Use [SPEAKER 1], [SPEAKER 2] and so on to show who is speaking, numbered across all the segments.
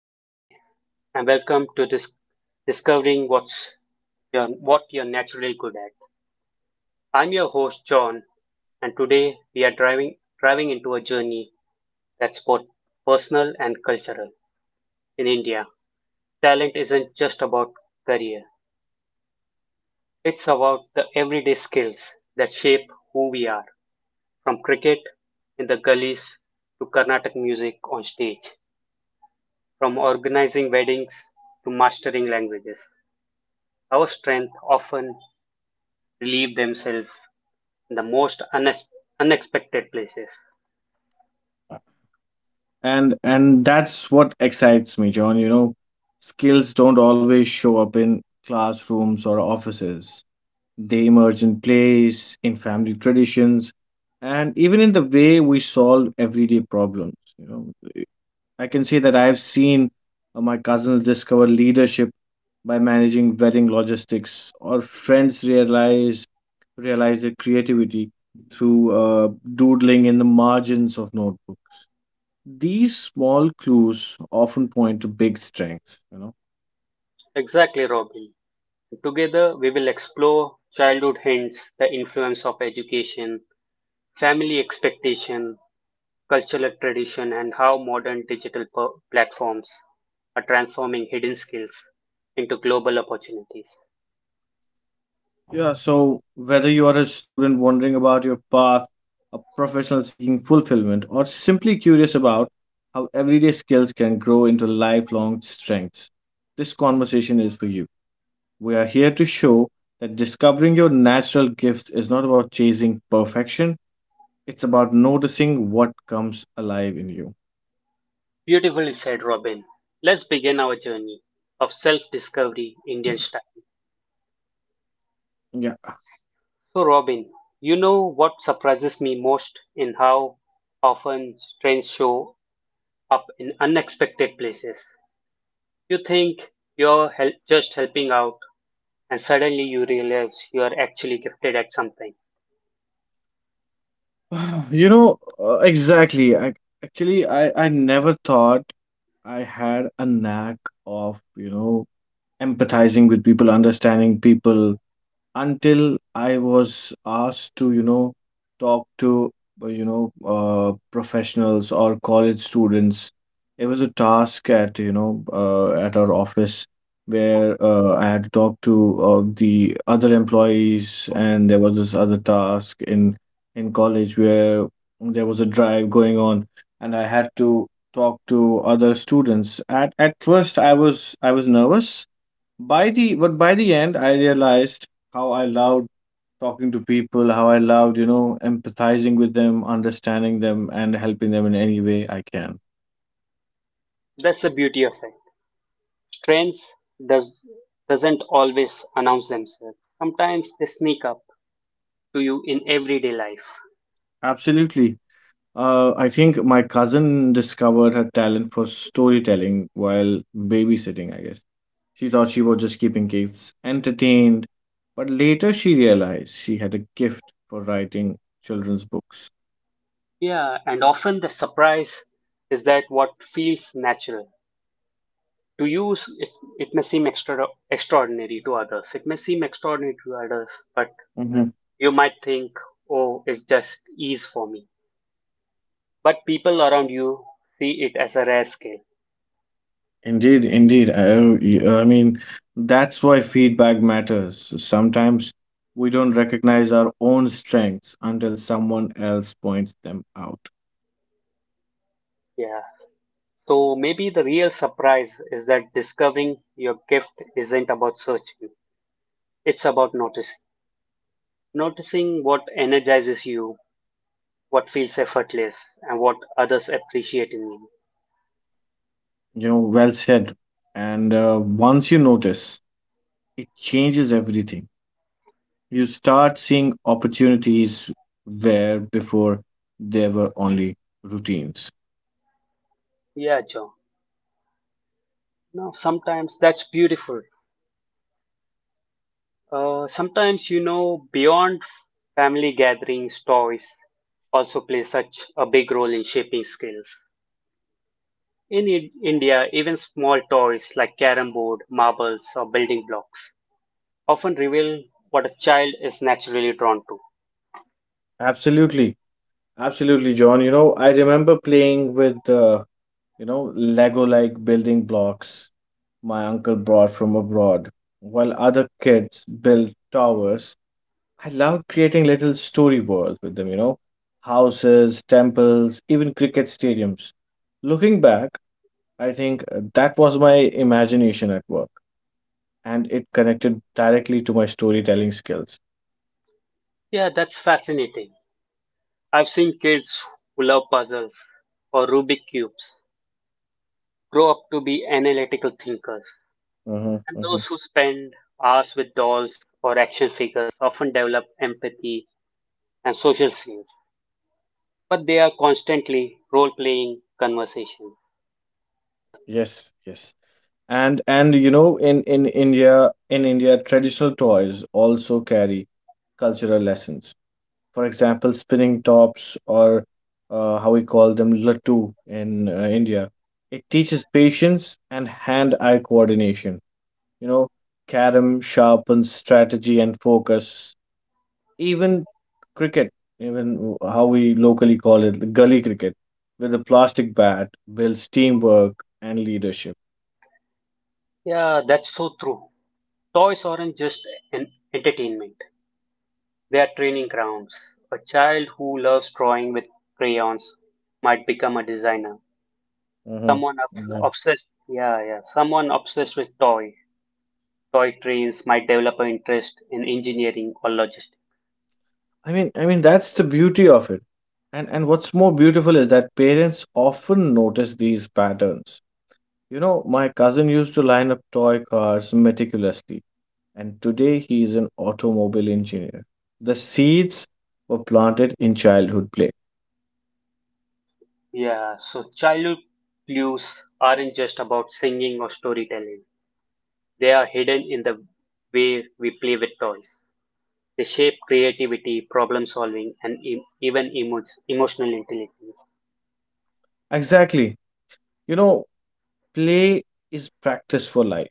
[SPEAKER 1] Namaste, and welcome to this discovering what you're naturally good at. I'm your host John, and today we are driving into a journey that's both personal and cultural. In India, talent isn't just about career; it's about the everyday skills that shape who we are. From cricket in the gullies to Carnatic music on stage, from organizing weddings to mastering languages, our strengths often relieve themselves the most unexpected places.
[SPEAKER 2] And that's what excites me, John. Skills don't always show up in classrooms or offices. They emerge in plays, in family traditions, and even in the way we solve everyday problems. I can say that I've seen my cousins discover leadership by managing wedding logistics, or friends realize their creativity through doodling in the margins of notebooks. These small clues often point to big strengths.
[SPEAKER 1] Exactly, Robin. Together, we will explore childhood hints, the influence of education, family expectation, cultural tradition, and how modern digital platforms are transforming hidden skills into global opportunities.
[SPEAKER 2] Yeah, so whether you are a student wondering about your path, a professional seeking fulfillment, or simply curious about how everyday skills can grow into lifelong strengths, this conversation is for you. We are here to show that discovering your natural gifts is not about chasing perfection; it's about noticing what comes alive in you.
[SPEAKER 1] Beautifully said, Robin. Let's begin our journey of self discovery Indian style.
[SPEAKER 2] Yeah.
[SPEAKER 1] So, Robin, you know what surprises me most in how often strange show up in unexpected places. You think you're just helping out, and suddenly you realize you are actually gifted at something.
[SPEAKER 2] Exactly. I never thought I had a knack of, empathizing with people, understanding people, until I was asked to, talk to, professionals or college students. It was a task at, at our office, where I had to talk to the other employees, and there was this other task in college where there was a drive going on, and I had to talk to other students. At first, I was nervous by the but by the end I realized how I loved talking to people, how I loved, empathizing with them, understanding them, and helping them in any way I can.
[SPEAKER 1] That's the beauty of it. Strengths does, doesn't always announce themselves. Sometimes they sneak up to you in everyday life.
[SPEAKER 2] Absolutely. I think my cousin discovered her talent for storytelling while babysitting, I guess. She thought she was just keeping kids entertained, but later she realized she had a gift for writing children's books.
[SPEAKER 1] Yeah, and often the surprise is that what feels natural. To you, it, it may seem extraordinary to others. It may seem extraordinary to others, but
[SPEAKER 2] Mhm.
[SPEAKER 1] you might think, oh, it's just ease for me, but people around you see it as a rare skill.
[SPEAKER 2] Indeed, indeed. I mean, that's why feedback matters. Sometimes we don't recognize our own strengths until someone else points them out.
[SPEAKER 1] Yeah. So maybe the real surprise is that discovering your gift isn't about searching, it's about noticing. Noticing what energizes you, what feels effortless, and what others appreciate in you.
[SPEAKER 2] Well said. And once you notice, it changes everything. You start seeing opportunities where before there were only routines.
[SPEAKER 1] Yeah, John. Now, sometimes that's beautiful. Sometimes, you know, beyond family gatherings, toys also play such a big role in shaping skills. In India, even small toys like carom board, marbles, or building blocks often reveal what a child is naturally drawn to.
[SPEAKER 2] Absolutely. Absolutely, John. I remember playing with Lego like building blocks my uncle brought from abroad, while other kids built towers. I loved creating little story worlds with them, houses, temples, even cricket stadiums. Looking back, I think that was my imagination at work, and it connected directly to my storytelling skills.
[SPEAKER 1] Yeah, that's fascinating. I've seen kids who love puzzles or Rubik cubes grow up to be analytical thinkers,
[SPEAKER 2] Hmm.
[SPEAKER 1] and
[SPEAKER 2] Hmm.
[SPEAKER 1] those who spend hours with dolls or action figures often develop empathy and social skills. But they are constantly role-playing conversations.
[SPEAKER 2] Yes, yes. And in India, traditional toys also carry cultural lessons. For example, spinning tops, or how we call them, lattu in India. It teaches patience and hand-eye coordination. You know, carom sharpens strategy and focus. Even cricket, even how we locally call it, gully cricket, with a plastic bat, builds teamwork and leadership.
[SPEAKER 1] Yeah, that's so true. Toys aren't just an entertainment. They are training grounds. A child who loves drawing with crayons might become a designer.
[SPEAKER 2] Mhm,
[SPEAKER 1] Someone
[SPEAKER 2] mhm.
[SPEAKER 1] obsessed, yeah, yeah, someone obsessed with toy trains might develop an interest in engineering or logistics.
[SPEAKER 2] I mean, that's the beauty of it. And what's more beautiful is that parents often notice these patterns. My cousin used to line up toy cars meticulously, and today he is an automobile engineer. The seeds were planted in childhood play.
[SPEAKER 1] Yeah, so childhood clues aren't just about singing or storytelling. They are hidden in the way we play with toys. They shape creativity, problem solving, and emotional intelligence.
[SPEAKER 2] Exactly. You know, play is practice for life.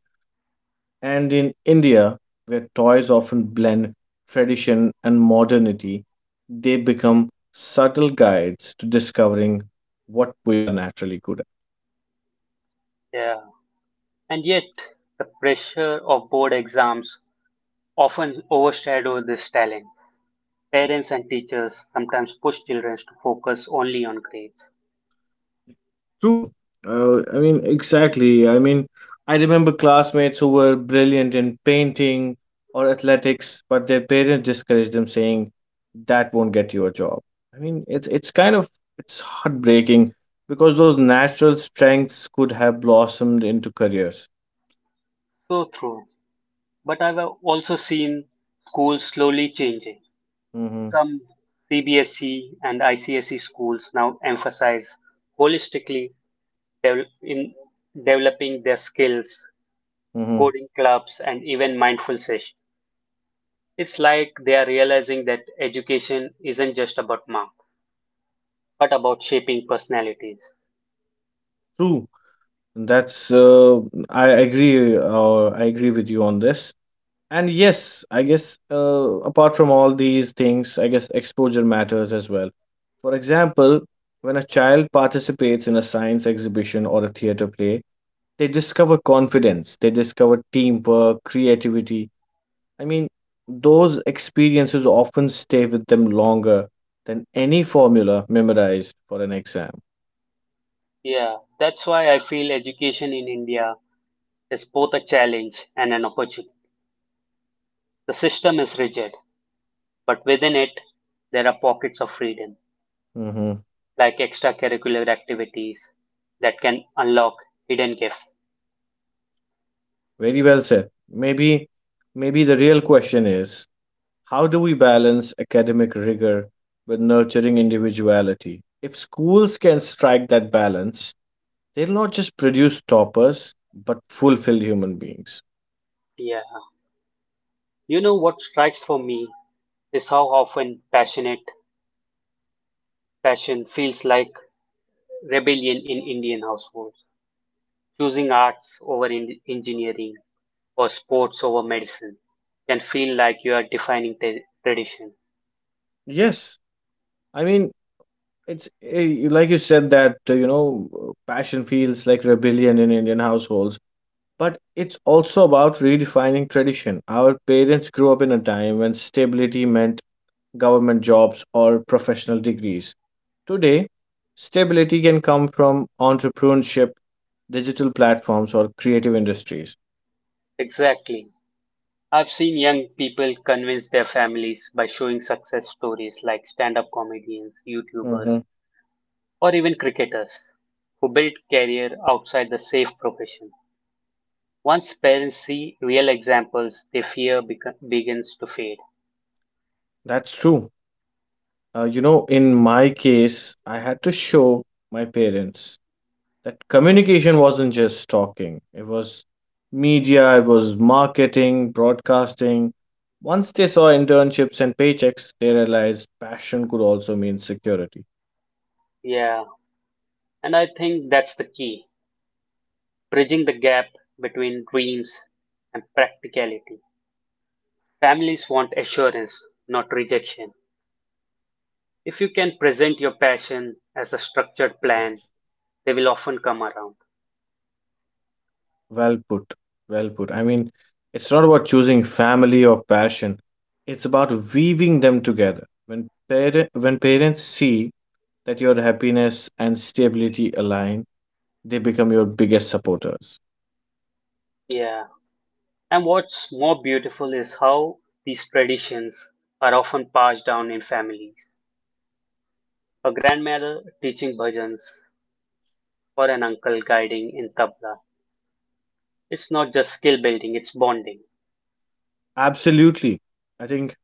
[SPEAKER 2] And in India, where toys often blend tradition and modernity, they become subtle guides to discovering what we are naturally good.
[SPEAKER 1] Yeah. And yet, the pressure of board exams often overshadow this talent. Parents and teachers sometimes push children to focus only on grades.
[SPEAKER 2] True. I mean, exactly. I mean, I remember classmates who were brilliant in painting or athletics, but their parents discouraged them, saying, "That won't get you a job." I mean, it's kind of it's heartbreaking, because those natural strengths could have blossomed into careers.
[SPEAKER 1] So true. But I've also seen schools slowly changing.
[SPEAKER 2] Mm-hmm.
[SPEAKER 1] Some CBSE and ICSE schools now emphasize holistically devel- in developing their skills,
[SPEAKER 2] Mm-hmm.
[SPEAKER 1] coding clubs, and even mindful sessions. It's like they are realizing that education isn't just about marks, but about shaping personalities.
[SPEAKER 2] True. That's I agree. I agree with you on this. And yes, I guess apart from all these things, I guess exposure matters as well. For example, when a child participates in a science exhibition or a theater play, they discover confidence, they discover teamwork, creativity. I mean, those experiences often stay with them longer than any formula memorized for an exam.
[SPEAKER 1] Yeah, that's why I feel education in India is both a challenge and an opportunity. The system is rigid, but within it, there are pockets of freedom,
[SPEAKER 2] Hmm.
[SPEAKER 1] like extracurricular activities that can unlock hidden gifts.
[SPEAKER 2] Very well said. Maybe the real question is: how do we balance academic rigor with nurturing individuality? If schools can strike that balance, they'll not just produce toppers, but fulfilled human beings.
[SPEAKER 1] Yeah, you know what strikes for me is how often passion feels like rebellion in Indian households, choosing arts over engineering for sports over medicine can feel like you are defining tradition.
[SPEAKER 2] Yes, I mean, it's like you said, that, passion feels like rebellion in Indian households, but it's also about redefining tradition. Our parents grew up in a time when stability meant government jobs or professional degrees. Today, stability can come from entrepreneurship, digital platforms, or creative industries.
[SPEAKER 1] Exactly. I've seen young people convince their families by showing success stories like stand up comedians, YouTubers,
[SPEAKER 2] Mhm.
[SPEAKER 1] or even cricketers who built career outside the safe profession. Once parents see real examples, their fear begins to fade.
[SPEAKER 2] That's true. In my case, I had to show my parents that communication wasn't just talking; it was media, it was marketing, broadcasting. Once they saw internships and paychecks, they realized passion could also mean security.
[SPEAKER 1] Yeah, and I think that's the key bridging the gap between dreams and practicality. Families want assurance, not rejection. If you can present your passion as a structured plan, they will often come around.
[SPEAKER 2] Well put, well put. I mean, it's not about choosing family or passion. It's about weaving them together. When parents see that your happiness and stability align, they become your biggest supporters.
[SPEAKER 1] Yeah. And what's more beautiful is how these traditions are often passed down in families. A grandmother teaching bhajans or an uncle guiding in tabla. It's not just skill building, it's bonding.
[SPEAKER 2] Absolutely. I think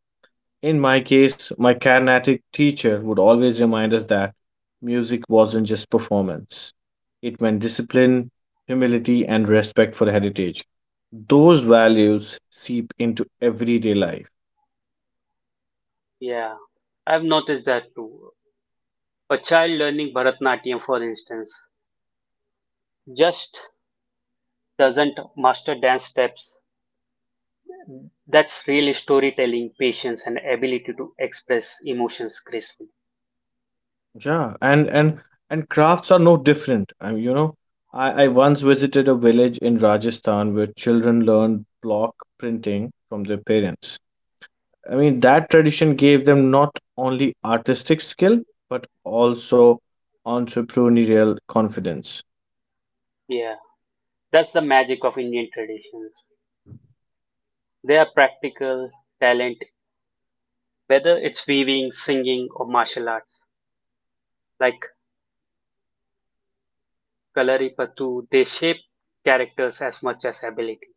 [SPEAKER 2] in my case, my Carnatic teacher would always remind us that music wasn't just performance. It meant discipline, humility, and respect for heritage. Those values seep into everyday life.
[SPEAKER 1] Yeah. I've noticed that too. A child learning Bharatnatyam, for instance, just doesn't master dance steps. That's real storytelling, patience, and ability to express emotions gracefully.
[SPEAKER 2] Yeah, and crafts are no different. I mean, I once visited a village in Rajasthan where children learned block printing from their parents. I mean, that tradition gave them not only artistic skill, but also entrepreneurial confidence.
[SPEAKER 1] Yeah, that's the magic of Indian traditions. They are practical talent, whether it's weaving, singing, or martial arts. Like Kalaripattu, they shape characters as much as ability.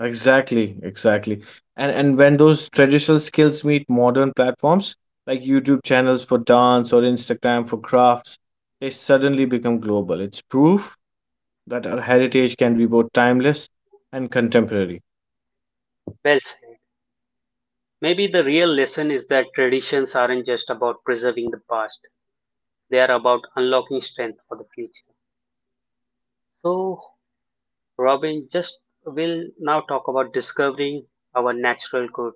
[SPEAKER 2] Exactly, exactly. And when those traditional skills meet modern platforms like YouTube channels for dance or Instagram for crafts, they suddenly become global. It's proof that our heritage can be both timeless and contemporary.
[SPEAKER 1] Well said. Maybe the real lesson is that traditions aren't just about preserving the past, they are about unlocking strength for the future. So, Robin, just will now talk about discovering our natural good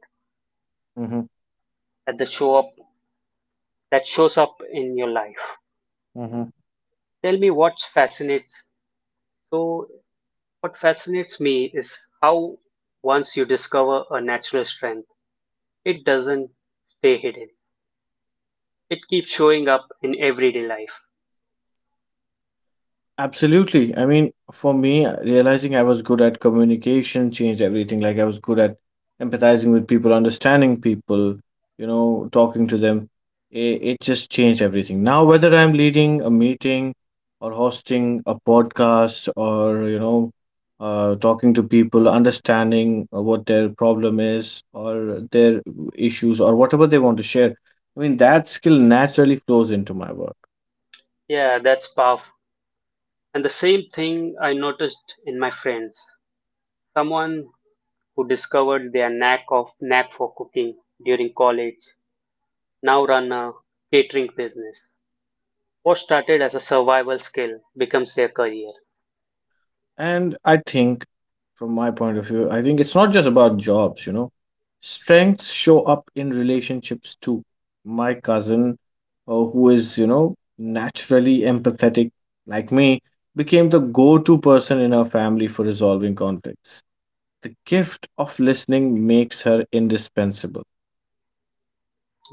[SPEAKER 2] Hmm.
[SPEAKER 1] that the show up that shows up in your life.
[SPEAKER 2] Hmm.
[SPEAKER 1] Tell me what fascinates. So what fascinates me is how once you discover a natural strength, it doesn't stay hidden. It keeps showing up in everyday life.
[SPEAKER 2] Absolutely. I mean, for me, realizing I was good at communication changed everything. Like, I was good at empathizing with people, understanding people, talking to them. It just changed everything. Now, whether I'm leading a meeting, or hosting a podcast, or, talking to people, understanding what their problem is, or their issues, or whatever they want to share, I mean, that skill naturally flows into my work.
[SPEAKER 1] Yeah, that's powerful. And the same thing I noticed in my friends. Someone who discovered their knack for cooking during college now run a catering business. What started as a survival skill becomes their career.
[SPEAKER 2] And I think, from my point of view, I think it's not just about jobs. Strengths show up in relationships too. My cousin, who is, naturally empathetic like me, became the go to person in our family for resolving conflicts. The gift of listening makes her indispensable.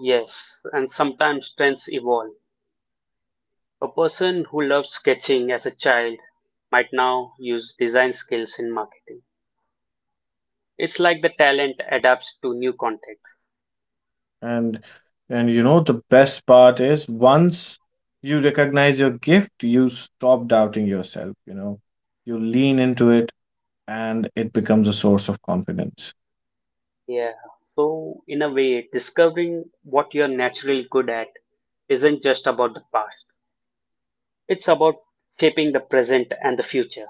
[SPEAKER 1] Yes, and sometimes trends evolve. A person who loved sketching as a child might now use design skills in marketing. It's like the talent adapts to new contexts.
[SPEAKER 2] And and the best part is, once you recognize your gift, you stop doubting yourself, you know. You lean into it, and it becomes a source of confidence.
[SPEAKER 1] Yeah. So, in a way, discovering what you're naturally good at isn't just about the past, it's about shaping the present and the future.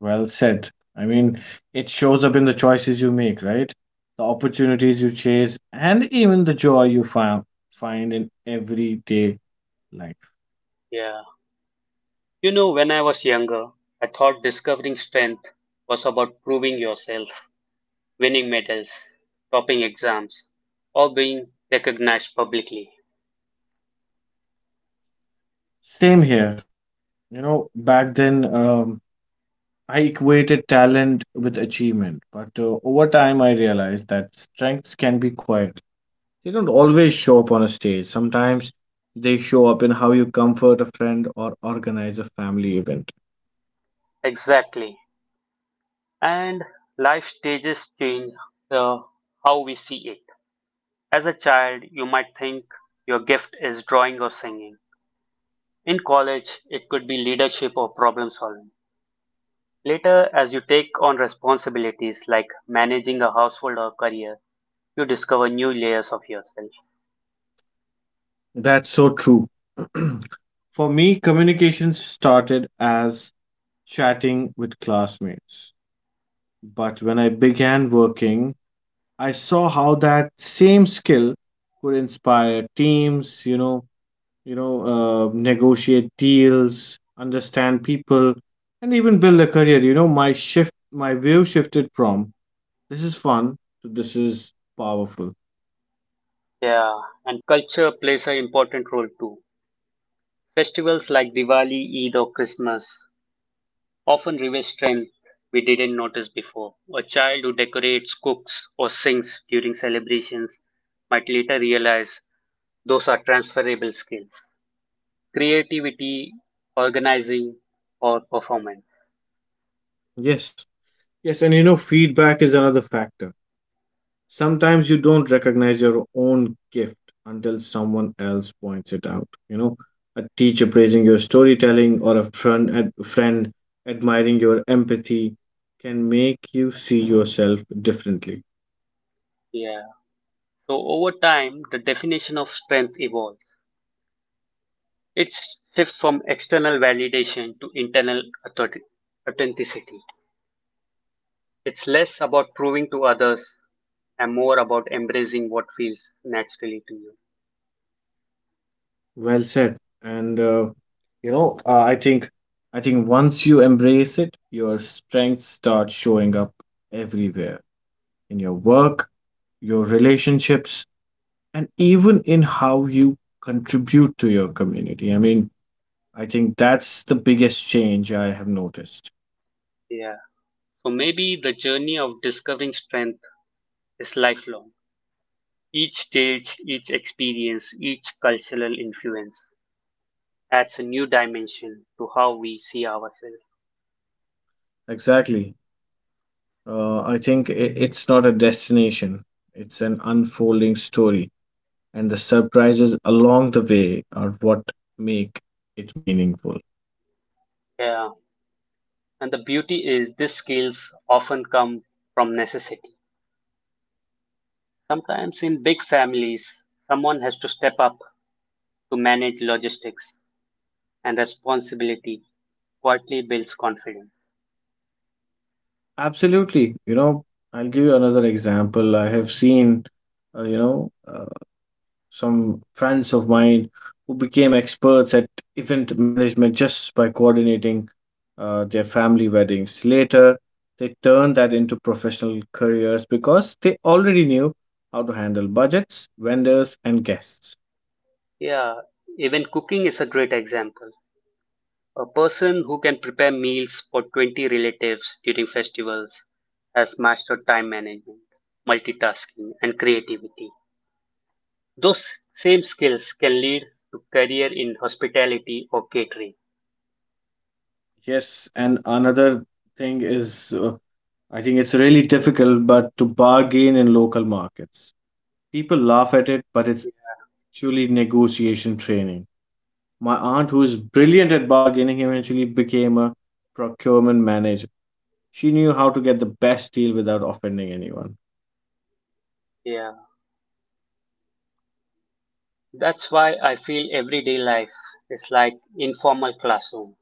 [SPEAKER 2] Well said. I mean, it shows up in the choices you make, right? The opportunities you chase, and even the joy you find in everyday life.
[SPEAKER 1] Yeah. You know, when I was younger, I thought discovering strength was about proving yourself winning medals, topping exams, or being recognized publicly.
[SPEAKER 2] Same here. Back then, I equated talent with achievement, but over time, I realized that strengths can be quiet. They don't always show up on a stage. Sometimes they show up in how you comfort a friend or organize a family event.
[SPEAKER 1] Exactly. And life stages change the how we see it. As a child, you might think your gift is drawing or singing. In college, it could be leadership or problem solving. Later, as you take on responsibilities like managing a household or career, you discover new layers of yourself.
[SPEAKER 2] That's so true. For me, communication started as chatting with classmates. But when I began working, I saw how that same skill could inspire teams, negotiate deals, understand people, and even build a career. My view shifted from "this is fun" to "this is powerful."
[SPEAKER 1] Yeah, and culture plays an important role too. Festivals like Diwali, Eid, or Christmas often reveals strength we didn't notice before. A child who decorates, cooks, or sings during celebrations might later realize those are transferable skills. Creativity, organizing, or performance.
[SPEAKER 2] Yes. Yes, and feedback is another factor. Sometimes you don't recognize your own gift until someone else points it out. A teacher praising your storytelling, or a friend admiring your empathy, can make you see yourself differently.
[SPEAKER 1] Yeah. So over time, the definition of strength evolves. It shifts from external validation to internal authenticity. It's less about proving to others and more about embracing what feels naturally to you.
[SPEAKER 2] Well said. And you know, uh, I think, I think once you embrace it, your strengths start showing up everywhere: in your work, your relationships, and even in how you contribute to your community. I mean, I think that's the biggest change I have noticed.
[SPEAKER 1] Yeah. So maybe the journey of discovering strength is lifelong. Each stage, each experience, each cultural influence adds a new dimension to how we see ourselves.
[SPEAKER 2] Exactly. I think it's not a destination, it's an unfolding story, and the surprises along the way are what make it meaningful.
[SPEAKER 1] Yeah. And the beauty is these skills often come from necessity. Sometimes in big families, someone has to step up to manage logistics and responsibility quietly builds confidence.
[SPEAKER 2] Absolutely. I'll give you another example. I have seen, uh, you know, uh, some friends of mine who became experts at event management just by coordinating their family weddings. Later, they turned that into professional careers, because they already knew how to handle budgets, vendors, and guests.
[SPEAKER 1] Yeah, even cooking is a great example. A person who can prepare meals for 20 relatives during festivals has mastered time management, multitasking, and creativity. Those same skills can lead to career in hospitality or catering.
[SPEAKER 2] Yes, and another thing is, I think it's really difficult, but to bargain in local markets. People laugh at it, but it's actually negotiation training. My aunt, who is brilliant at bargaining, eventually became a procurement manager. She knew how to get the best deal without offending anyone.
[SPEAKER 1] Yeah, that's why I feel everyday life is like informal classroom.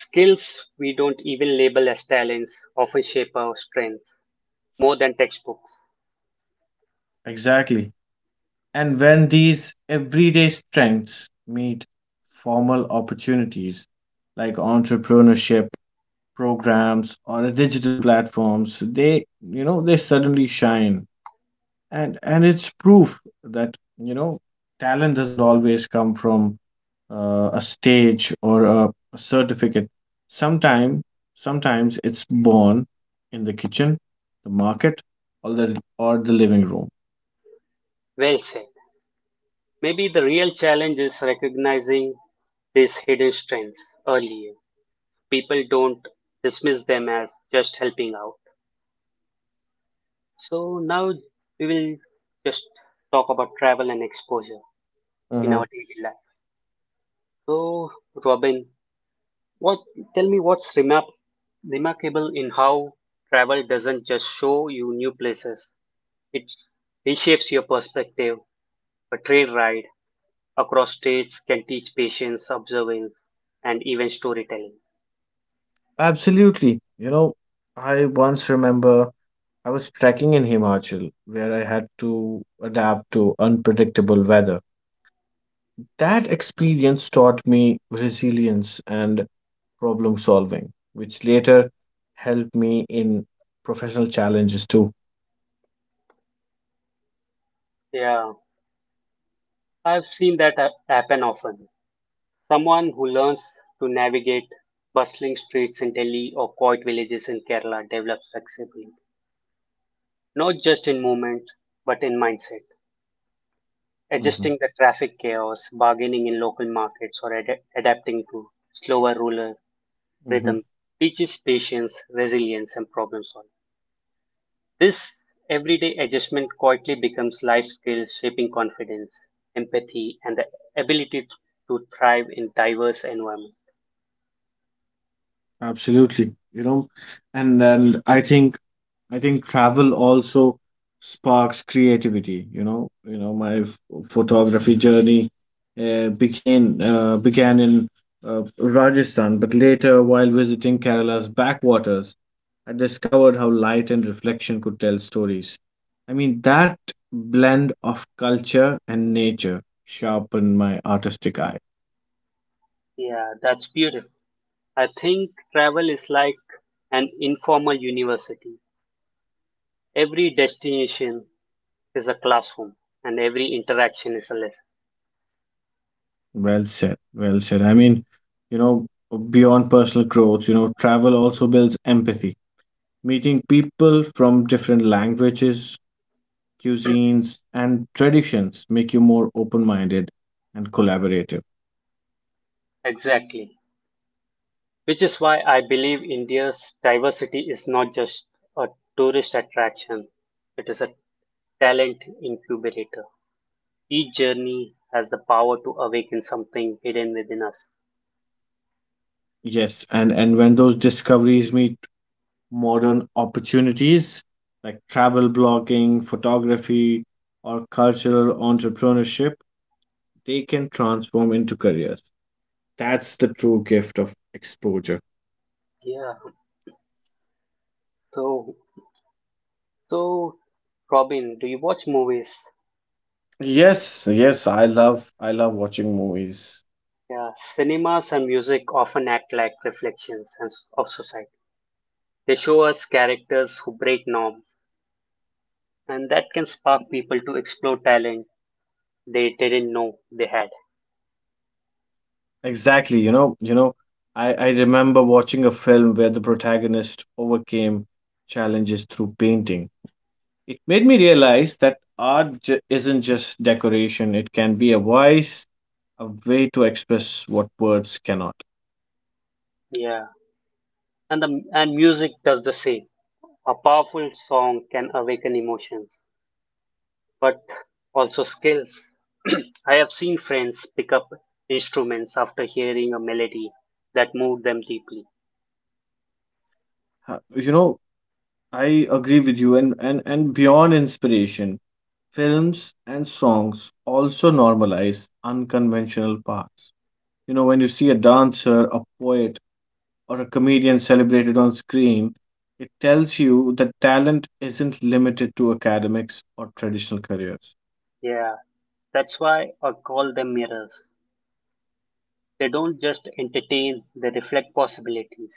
[SPEAKER 1] Skills we don't even label as talents often shape our strengths more than textbooks.
[SPEAKER 2] Exactly. And when these everyday strengths meet formal opportunities like entrepreneurship programs or digital platforms, they suddenly shine. And it's proof that talent doesn't always come from a stage or a certificate. Sometime sometimes it's born in the kitchen, the market, or the living room.
[SPEAKER 1] Well said. Maybe the real challenge is recognizing these hidden strengths earlier, people don't dismiss them as just helping out. So now we will just talk about travel and exposure in
[SPEAKER 2] Mm-hmm.
[SPEAKER 1] our daily life. So Robin, what tell me what's remarkable in how travel doesn't just show you new places. It reshapes your perspective. A train ride across states can teach patience, observance, and even storytelling.
[SPEAKER 2] Absolutely. I once remember, I was trekking in Himachal, where I had to adapt to unpredictable weather. That experience taught me resilience and problem solving, which later helped me in professional challenges too.
[SPEAKER 1] Yeah, I've seen that happen often. Someone who learns to navigate bustling streets in Delhi or quiet villages in Kerala develops flexibility, not just in movement, but in mindset,
[SPEAKER 2] Mm-hmm.
[SPEAKER 1] adjusting the traffic chaos, bargaining in local markets, or adapting to slower rural
[SPEAKER 2] Mm-hmm.
[SPEAKER 1] rhythm teaches patience, resilience, and problem solving. This everyday adjustment quietly becomes life skills, shaping confidence, empathy, and the ability to thrive in diverse environments.
[SPEAKER 2] Absolutely. You know, and I think travel also sparks creativity. My photography journey began in Rajasthan, but later, while visiting Kerala's backwaters, I discovered how light and reflection could tell stories. I mean, that blend of culture and nature sharpened my artistic eye.
[SPEAKER 1] Yeah, that's beautiful. I think travel is like an informal university. Every destination is a classroom and every interaction is a lesson.
[SPEAKER 2] Well said, well said. I mean, you know, beyond personal growth, travel also builds empathy. Meeting people from different languages, cuisines, and traditions make you more open minded and collaborative.
[SPEAKER 1] Exactly. Which is why I believe India's diversity is not just a tourist attraction, it is a talent incubator. Each journey has the power to awaken something hidden within us.
[SPEAKER 2] Yes, and when those discoveries meet modern opportunities like travel blogging, photography, or cultural entrepreneurship, they can transform into careers. That's the true gift of exposure.
[SPEAKER 1] Yeah. So, so, Robin, do you watch movies?
[SPEAKER 2] Yes, yes, I love watching movies.
[SPEAKER 1] Yeah, cinemas and music often act like reflections of society. They show us characters who break norms, and that can spark people to explore talent they didn't know they had.
[SPEAKER 2] Exactly, I remember watching a film where the protagonist overcame challenges through painting. It made me realize that art j isn't just decoration; it can be a voice, a way to express what words cannot.
[SPEAKER 1] Yeah, and music does the same. A powerful song can awaken emotions, but also skills. I have seen friends pick up instruments after hearing a melody that moved them deeply.
[SPEAKER 2] Ha- You know, I agree with you, and, beyond inspiration, films and songs also normalize unconventional paths. When you see a dancer, a poet, or a comedian celebrated on screen, it tells you that talent isn't limited to academics or traditional careers.
[SPEAKER 1] Yeah, that's why I call them mirrors. They don't just entertain, they reflect possibilities.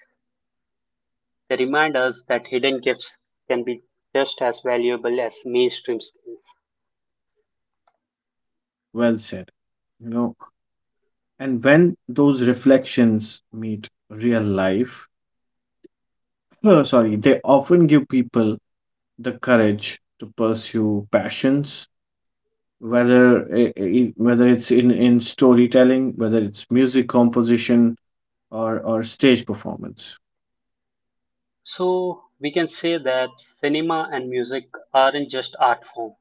[SPEAKER 1] They remind us that hidden gifts can be just as valuable as mainstream skills.
[SPEAKER 2] Well said. You know, and when those reflections meet real life, oh, sorry, they often give people the courage to pursue passions, whether it's in storytelling, whether it's music composition, or stage performance.
[SPEAKER 1] So, we can say that cinema and music aren't just art form,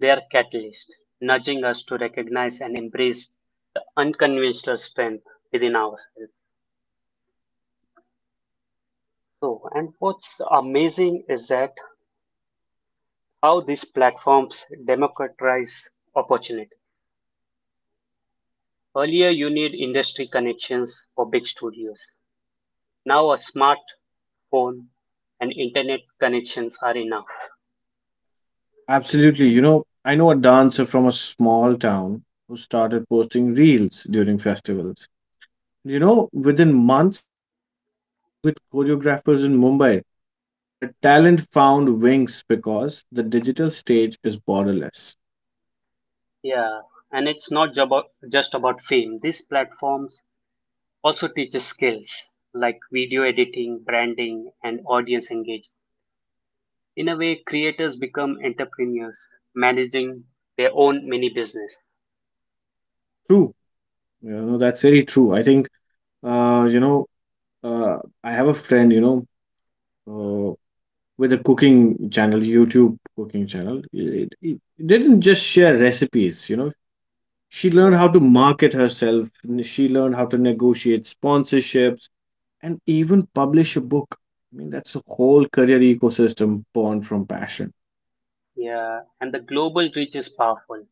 [SPEAKER 1] they are catalysts, nudging us to recognize and embrace the unconventional strength within ourselves. So, and what's amazing is that how these platforms democratize opportunity. Earlier, you need industry connections for big studios. Now a smartphone and internet connections are enough.
[SPEAKER 2] Absolutely. I know a dancer from a small town who started posting reels during festivals. Within months, she was collaborating with choreographers in Mumbai. Her talent found wings because the digital stage is borderless.
[SPEAKER 1] Yeah, and it's not about, just about fame. These platforms also teach skills like video editing, branding, and audience engagement. In a way, creators become entrepreneurs, managing their own mini business.
[SPEAKER 2] True. That's very true. I think, uh, you know, uh, I have a friend, uh, with a cooking channel, YouTube cooking channel. It didn't just share recipes. She
[SPEAKER 1] Yeah,
[SPEAKER 2] learned how to market herself, she learned how to negotiate sponsorships, and even publish a book. I mean, that's a whole career ecosystem born from passion.
[SPEAKER 1] yeah, and the global reach is powerful.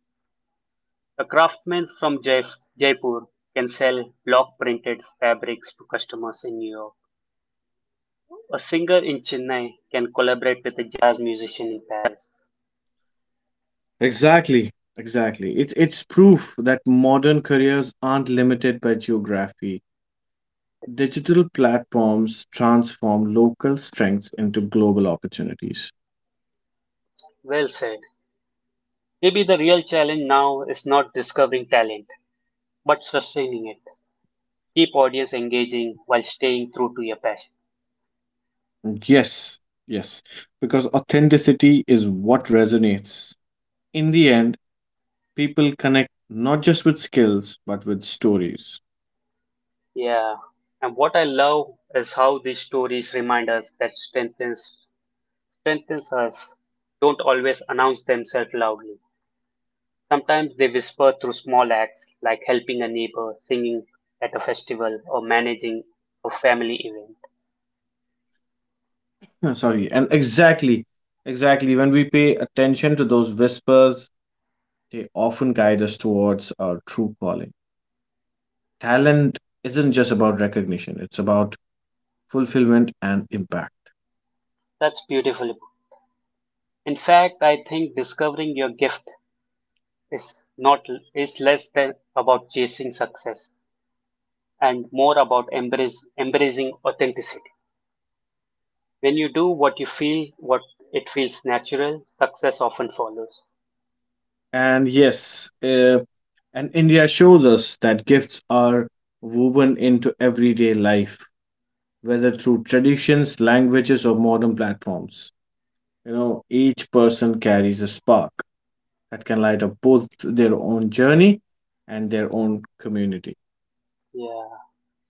[SPEAKER 1] A craftsman from Jaipur can sell block printed fabrics to customers in New York. A singer in Chennai can collaborate with a jazz musician in Paris.
[SPEAKER 2] Exactly, exactly. It's proof that modern careers aren't limited by geography. Digital platforms transform local strengths into global opportunities.
[SPEAKER 1] Well said. Maybe the real challenge now is not discovering talent, but sustaining it. Keep audience engaging while staying true to your passion.
[SPEAKER 2] Yes, yes, because authenticity is what resonates. In the end, people connect not just with skills, but with stories.
[SPEAKER 1] Yeah. And what I love is how these stories remind us that strengthens us don't always announce themselves loudly. Sometimes they whisper through small acts like helping a neighbor, singing at a festival, or managing a family event.
[SPEAKER 2] Sorry, and exactly, exactly. When we pay attention to those whispers, they often guide us towards our true calling. Talent isn't just about recognition; it's about fulfillment and impact.
[SPEAKER 1] That's beautifully. In fact, I think discovering your gift is not is less than about chasing success and more about embracing authenticity. When you do what it feels natural, success often follows.
[SPEAKER 2] And yes, and India shows us that gifts are woven into everyday life, whether through traditions, languages, or modern platforms. Each person carries a spark that can light up both their own journey and their own community.
[SPEAKER 1] Yeah.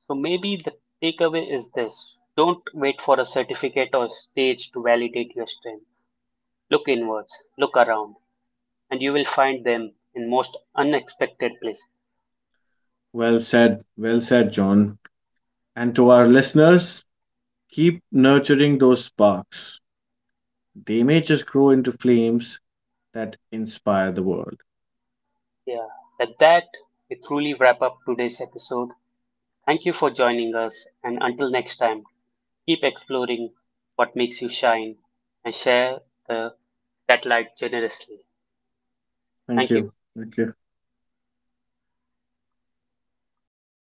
[SPEAKER 1] So maybe the takeaway is this. Don't wait for a certificate or stage to validate your strengths. Look inwards, look around, and you will find them in most unexpected places.
[SPEAKER 2] Well said, John. And to our listeners, keep nurturing those sparks. They may just grow into flames that inspire the world.
[SPEAKER 1] Yeah. At that, we truly wrap up today's episode. Thank you for joining us, and until next time, keep exploring what makes you shine and share the, that light generously.
[SPEAKER 2] Thank
[SPEAKER 1] Thank you.
[SPEAKER 2] you. Thank you.